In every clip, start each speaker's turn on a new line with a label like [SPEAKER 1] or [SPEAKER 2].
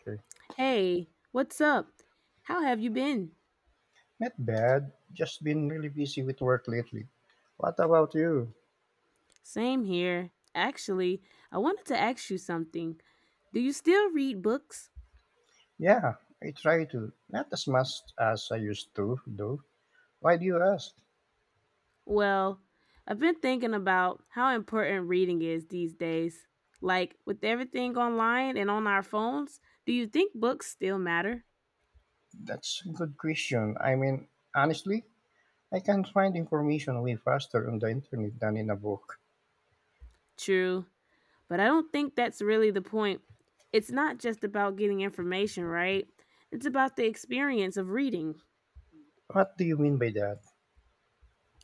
[SPEAKER 1] Okay.
[SPEAKER 2] Hey, what's up? How have you been?
[SPEAKER 1] Not bad. Just been really busy with work lately. What about you?
[SPEAKER 2] Same here. Actually, I wanted to ask you something. Do you still read books?
[SPEAKER 1] Yeah, I try to. Not as much as I used to, though. Why do you ask?
[SPEAKER 2] Well, I've been thinking about how important reading is these days. Like, with everything online and on our phones, do you think books still matter?
[SPEAKER 1] That's a good question. Honestly, I can find information way faster on the internet than in a book.
[SPEAKER 2] True, but I don't think that's really the point. It's not just about getting information, right? It's about the experience of reading.
[SPEAKER 1] What do you mean by that?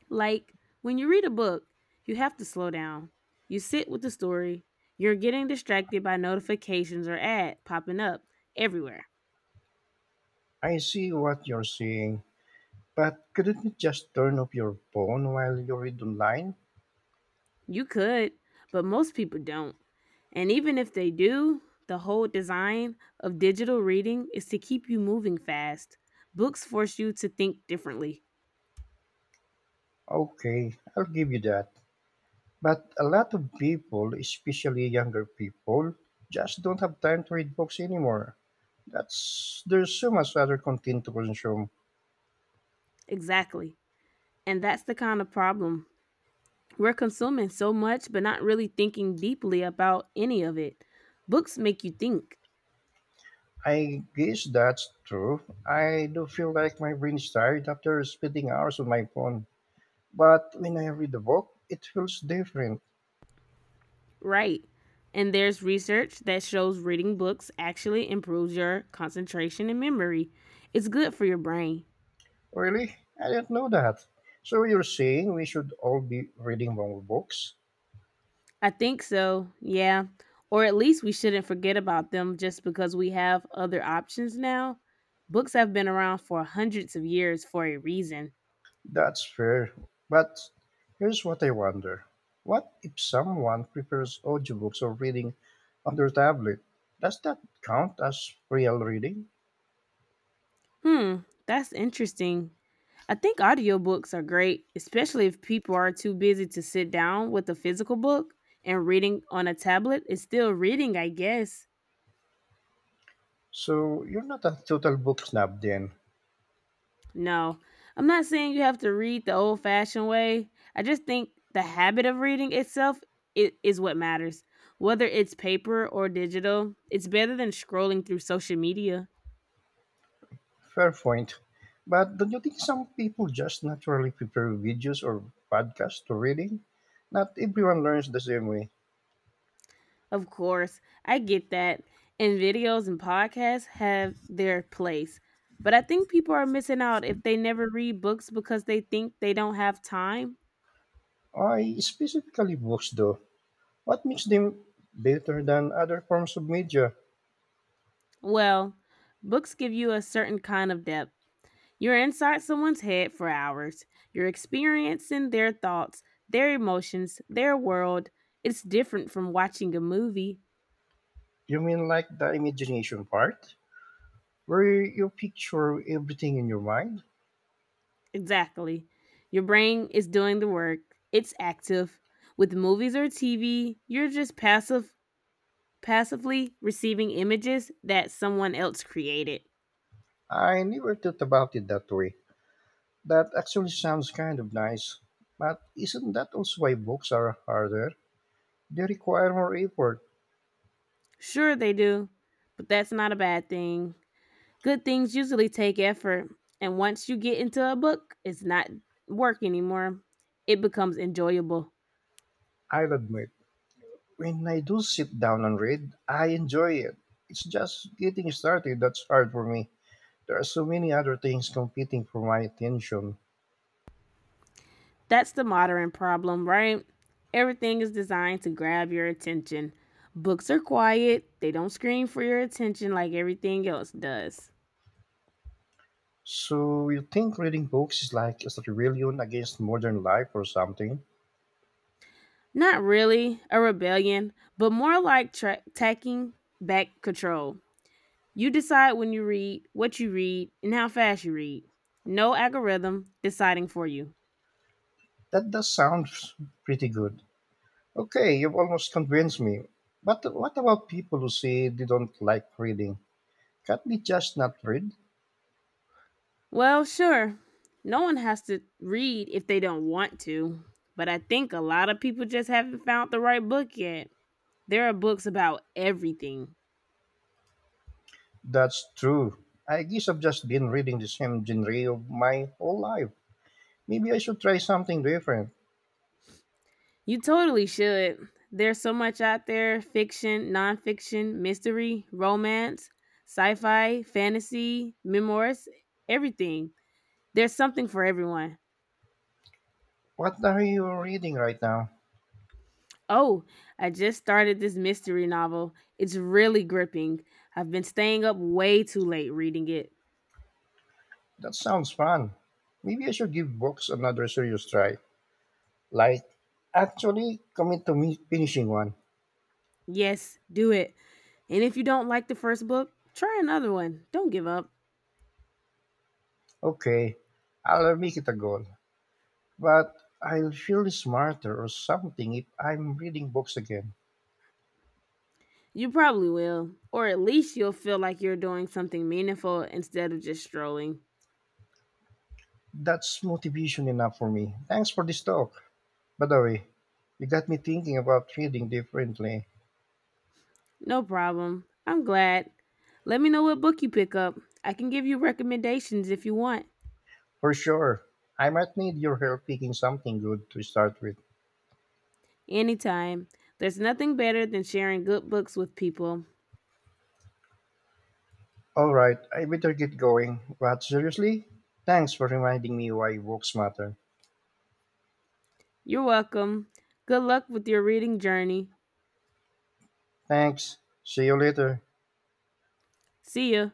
[SPEAKER 2] Like when you read a book, you have to slow down. You sit with the story. You're getting distracted by notifications or ad popping up everywhere.
[SPEAKER 1] I see what you're saying, but couldn't you just turn off your phone while you read online?
[SPEAKER 2] You could, but most people don't. And even if they do, the whole design of digital reading is to keep you moving fast. Books force you to think differently.
[SPEAKER 1] Okay, I'll give you that. But a lot of people, especially younger people, just don't have time to read books anymore. That's there's so much other content to consume.
[SPEAKER 2] Exactly. And that's the kind of problem. We're consuming so much, but not really thinking deeply about any of it. Books make you think.
[SPEAKER 1] I guess that's true. I do feel like my brain is tired after spending hours on my phone. But when I read a book, it feels different.
[SPEAKER 2] Right. And there's research that shows reading books actually improves your concentration and memory. It's good for your brain.
[SPEAKER 1] Really? I didn't know that. So you're saying we should all be reading more books?
[SPEAKER 2] I think so, yeah. Or at least we shouldn't forget about them just because we have other options now. Books have been around for hundreds of years for a reason.
[SPEAKER 1] That's fair. But here's what I wonder. What if someone prefers audiobooks or reading on their tablet? Does that count as real reading?
[SPEAKER 2] Hmm, that's interesting. I think audiobooks are great, especially if people are too busy to sit down with a physical book, and reading on a tablet is still reading, I guess.
[SPEAKER 1] So you're not a total book snob then.
[SPEAKER 2] No, I'm not saying you have to read the old fashioned way. I just think the habit of reading itself is what matters. Whether it's paper or digital, it's better than scrolling through social media.
[SPEAKER 1] Fair point. But don't you think some people just naturally prefer videos or podcasts to reading? Not everyone learns the same way.
[SPEAKER 2] Of course, I get that. And videos and podcasts have their place. But I think people are missing out if they never read books because they think they don't have time.
[SPEAKER 1] I specifically books though. What makes them better than other forms of media?
[SPEAKER 2] Well, books give you a certain kind of depth. You're inside someone's head for hours. You're experiencing their thoughts, their emotions, their world. It's different from watching a movie.
[SPEAKER 1] You mean like the imagination part, where you picture everything in your mind?
[SPEAKER 2] Exactly. Your brain is doing the work. It's active. With movies or TV, you're just passively receiving images that someone else created.
[SPEAKER 1] I never thought about it that way. That actually sounds kind of nice. But isn't that also why books are harder? They require more effort.
[SPEAKER 2] Sure they do, but that's not a bad thing. Good things usually take effort, and once you get into a book, it's not work anymore. It becomes enjoyable.
[SPEAKER 1] I'll admit, when I do sit down and read, I enjoy it. It's just getting started that's hard for me. There are so many other things competing for my attention.
[SPEAKER 2] That's the modern problem, right? Everything is designed to grab your attention. Books are quiet, they don't scream for your attention like everything else does.
[SPEAKER 1] So you think reading books is like a rebellion against modern life or something?
[SPEAKER 2] Not really a rebellion, but more like taking back control. You decide when you read, what you read, and how fast you read. No algorithm deciding for you.
[SPEAKER 1] That does sound pretty good. Okay, you've almost convinced me. But what about people who say they don't like reading? Can't they just not read?
[SPEAKER 2] Well, sure. No one has to read if they don't want to, but I think a lot of people just haven't found the right book yet. There are books about everything.
[SPEAKER 1] That's true. I guess I've just been reading the same genre of my whole life. Maybe I should try something different.
[SPEAKER 2] You totally should. There's so much out there: fiction, nonfiction, mystery, romance, sci fi, fantasy, memoirs, everything. There's something for everyone.
[SPEAKER 1] What are you reading right now?
[SPEAKER 2] Oh, I just started this mystery novel. It's really gripping. I've been staying up way too late reading it.
[SPEAKER 1] That sounds fun. Maybe I should give books another serious try. Like, actually commit to me finishing one.
[SPEAKER 2] Yes, do it. And if you don't like the first book, try another one. Don't give up.
[SPEAKER 1] Okay, I'll make it a goal. But I'll feel smarter or something if I'm reading books again.
[SPEAKER 2] You probably will. Or at least you'll feel like you're doing something meaningful instead of just strolling.
[SPEAKER 1] That's motivation enough for me. Thanks for this talk. By the way, you got me thinking about trading differently.
[SPEAKER 2] No problem. I'm glad. Let me know what book you pick up. I can give you recommendations if you want.
[SPEAKER 1] For sure. I might need your help picking something good to start with.
[SPEAKER 2] Anytime. There's nothing better than sharing good books with people.
[SPEAKER 1] Alright, I better get going. But seriously? Thanks for reminding me why books matter.
[SPEAKER 2] You're welcome. Good luck with your reading journey.
[SPEAKER 1] Thanks. See you later.
[SPEAKER 2] See ya.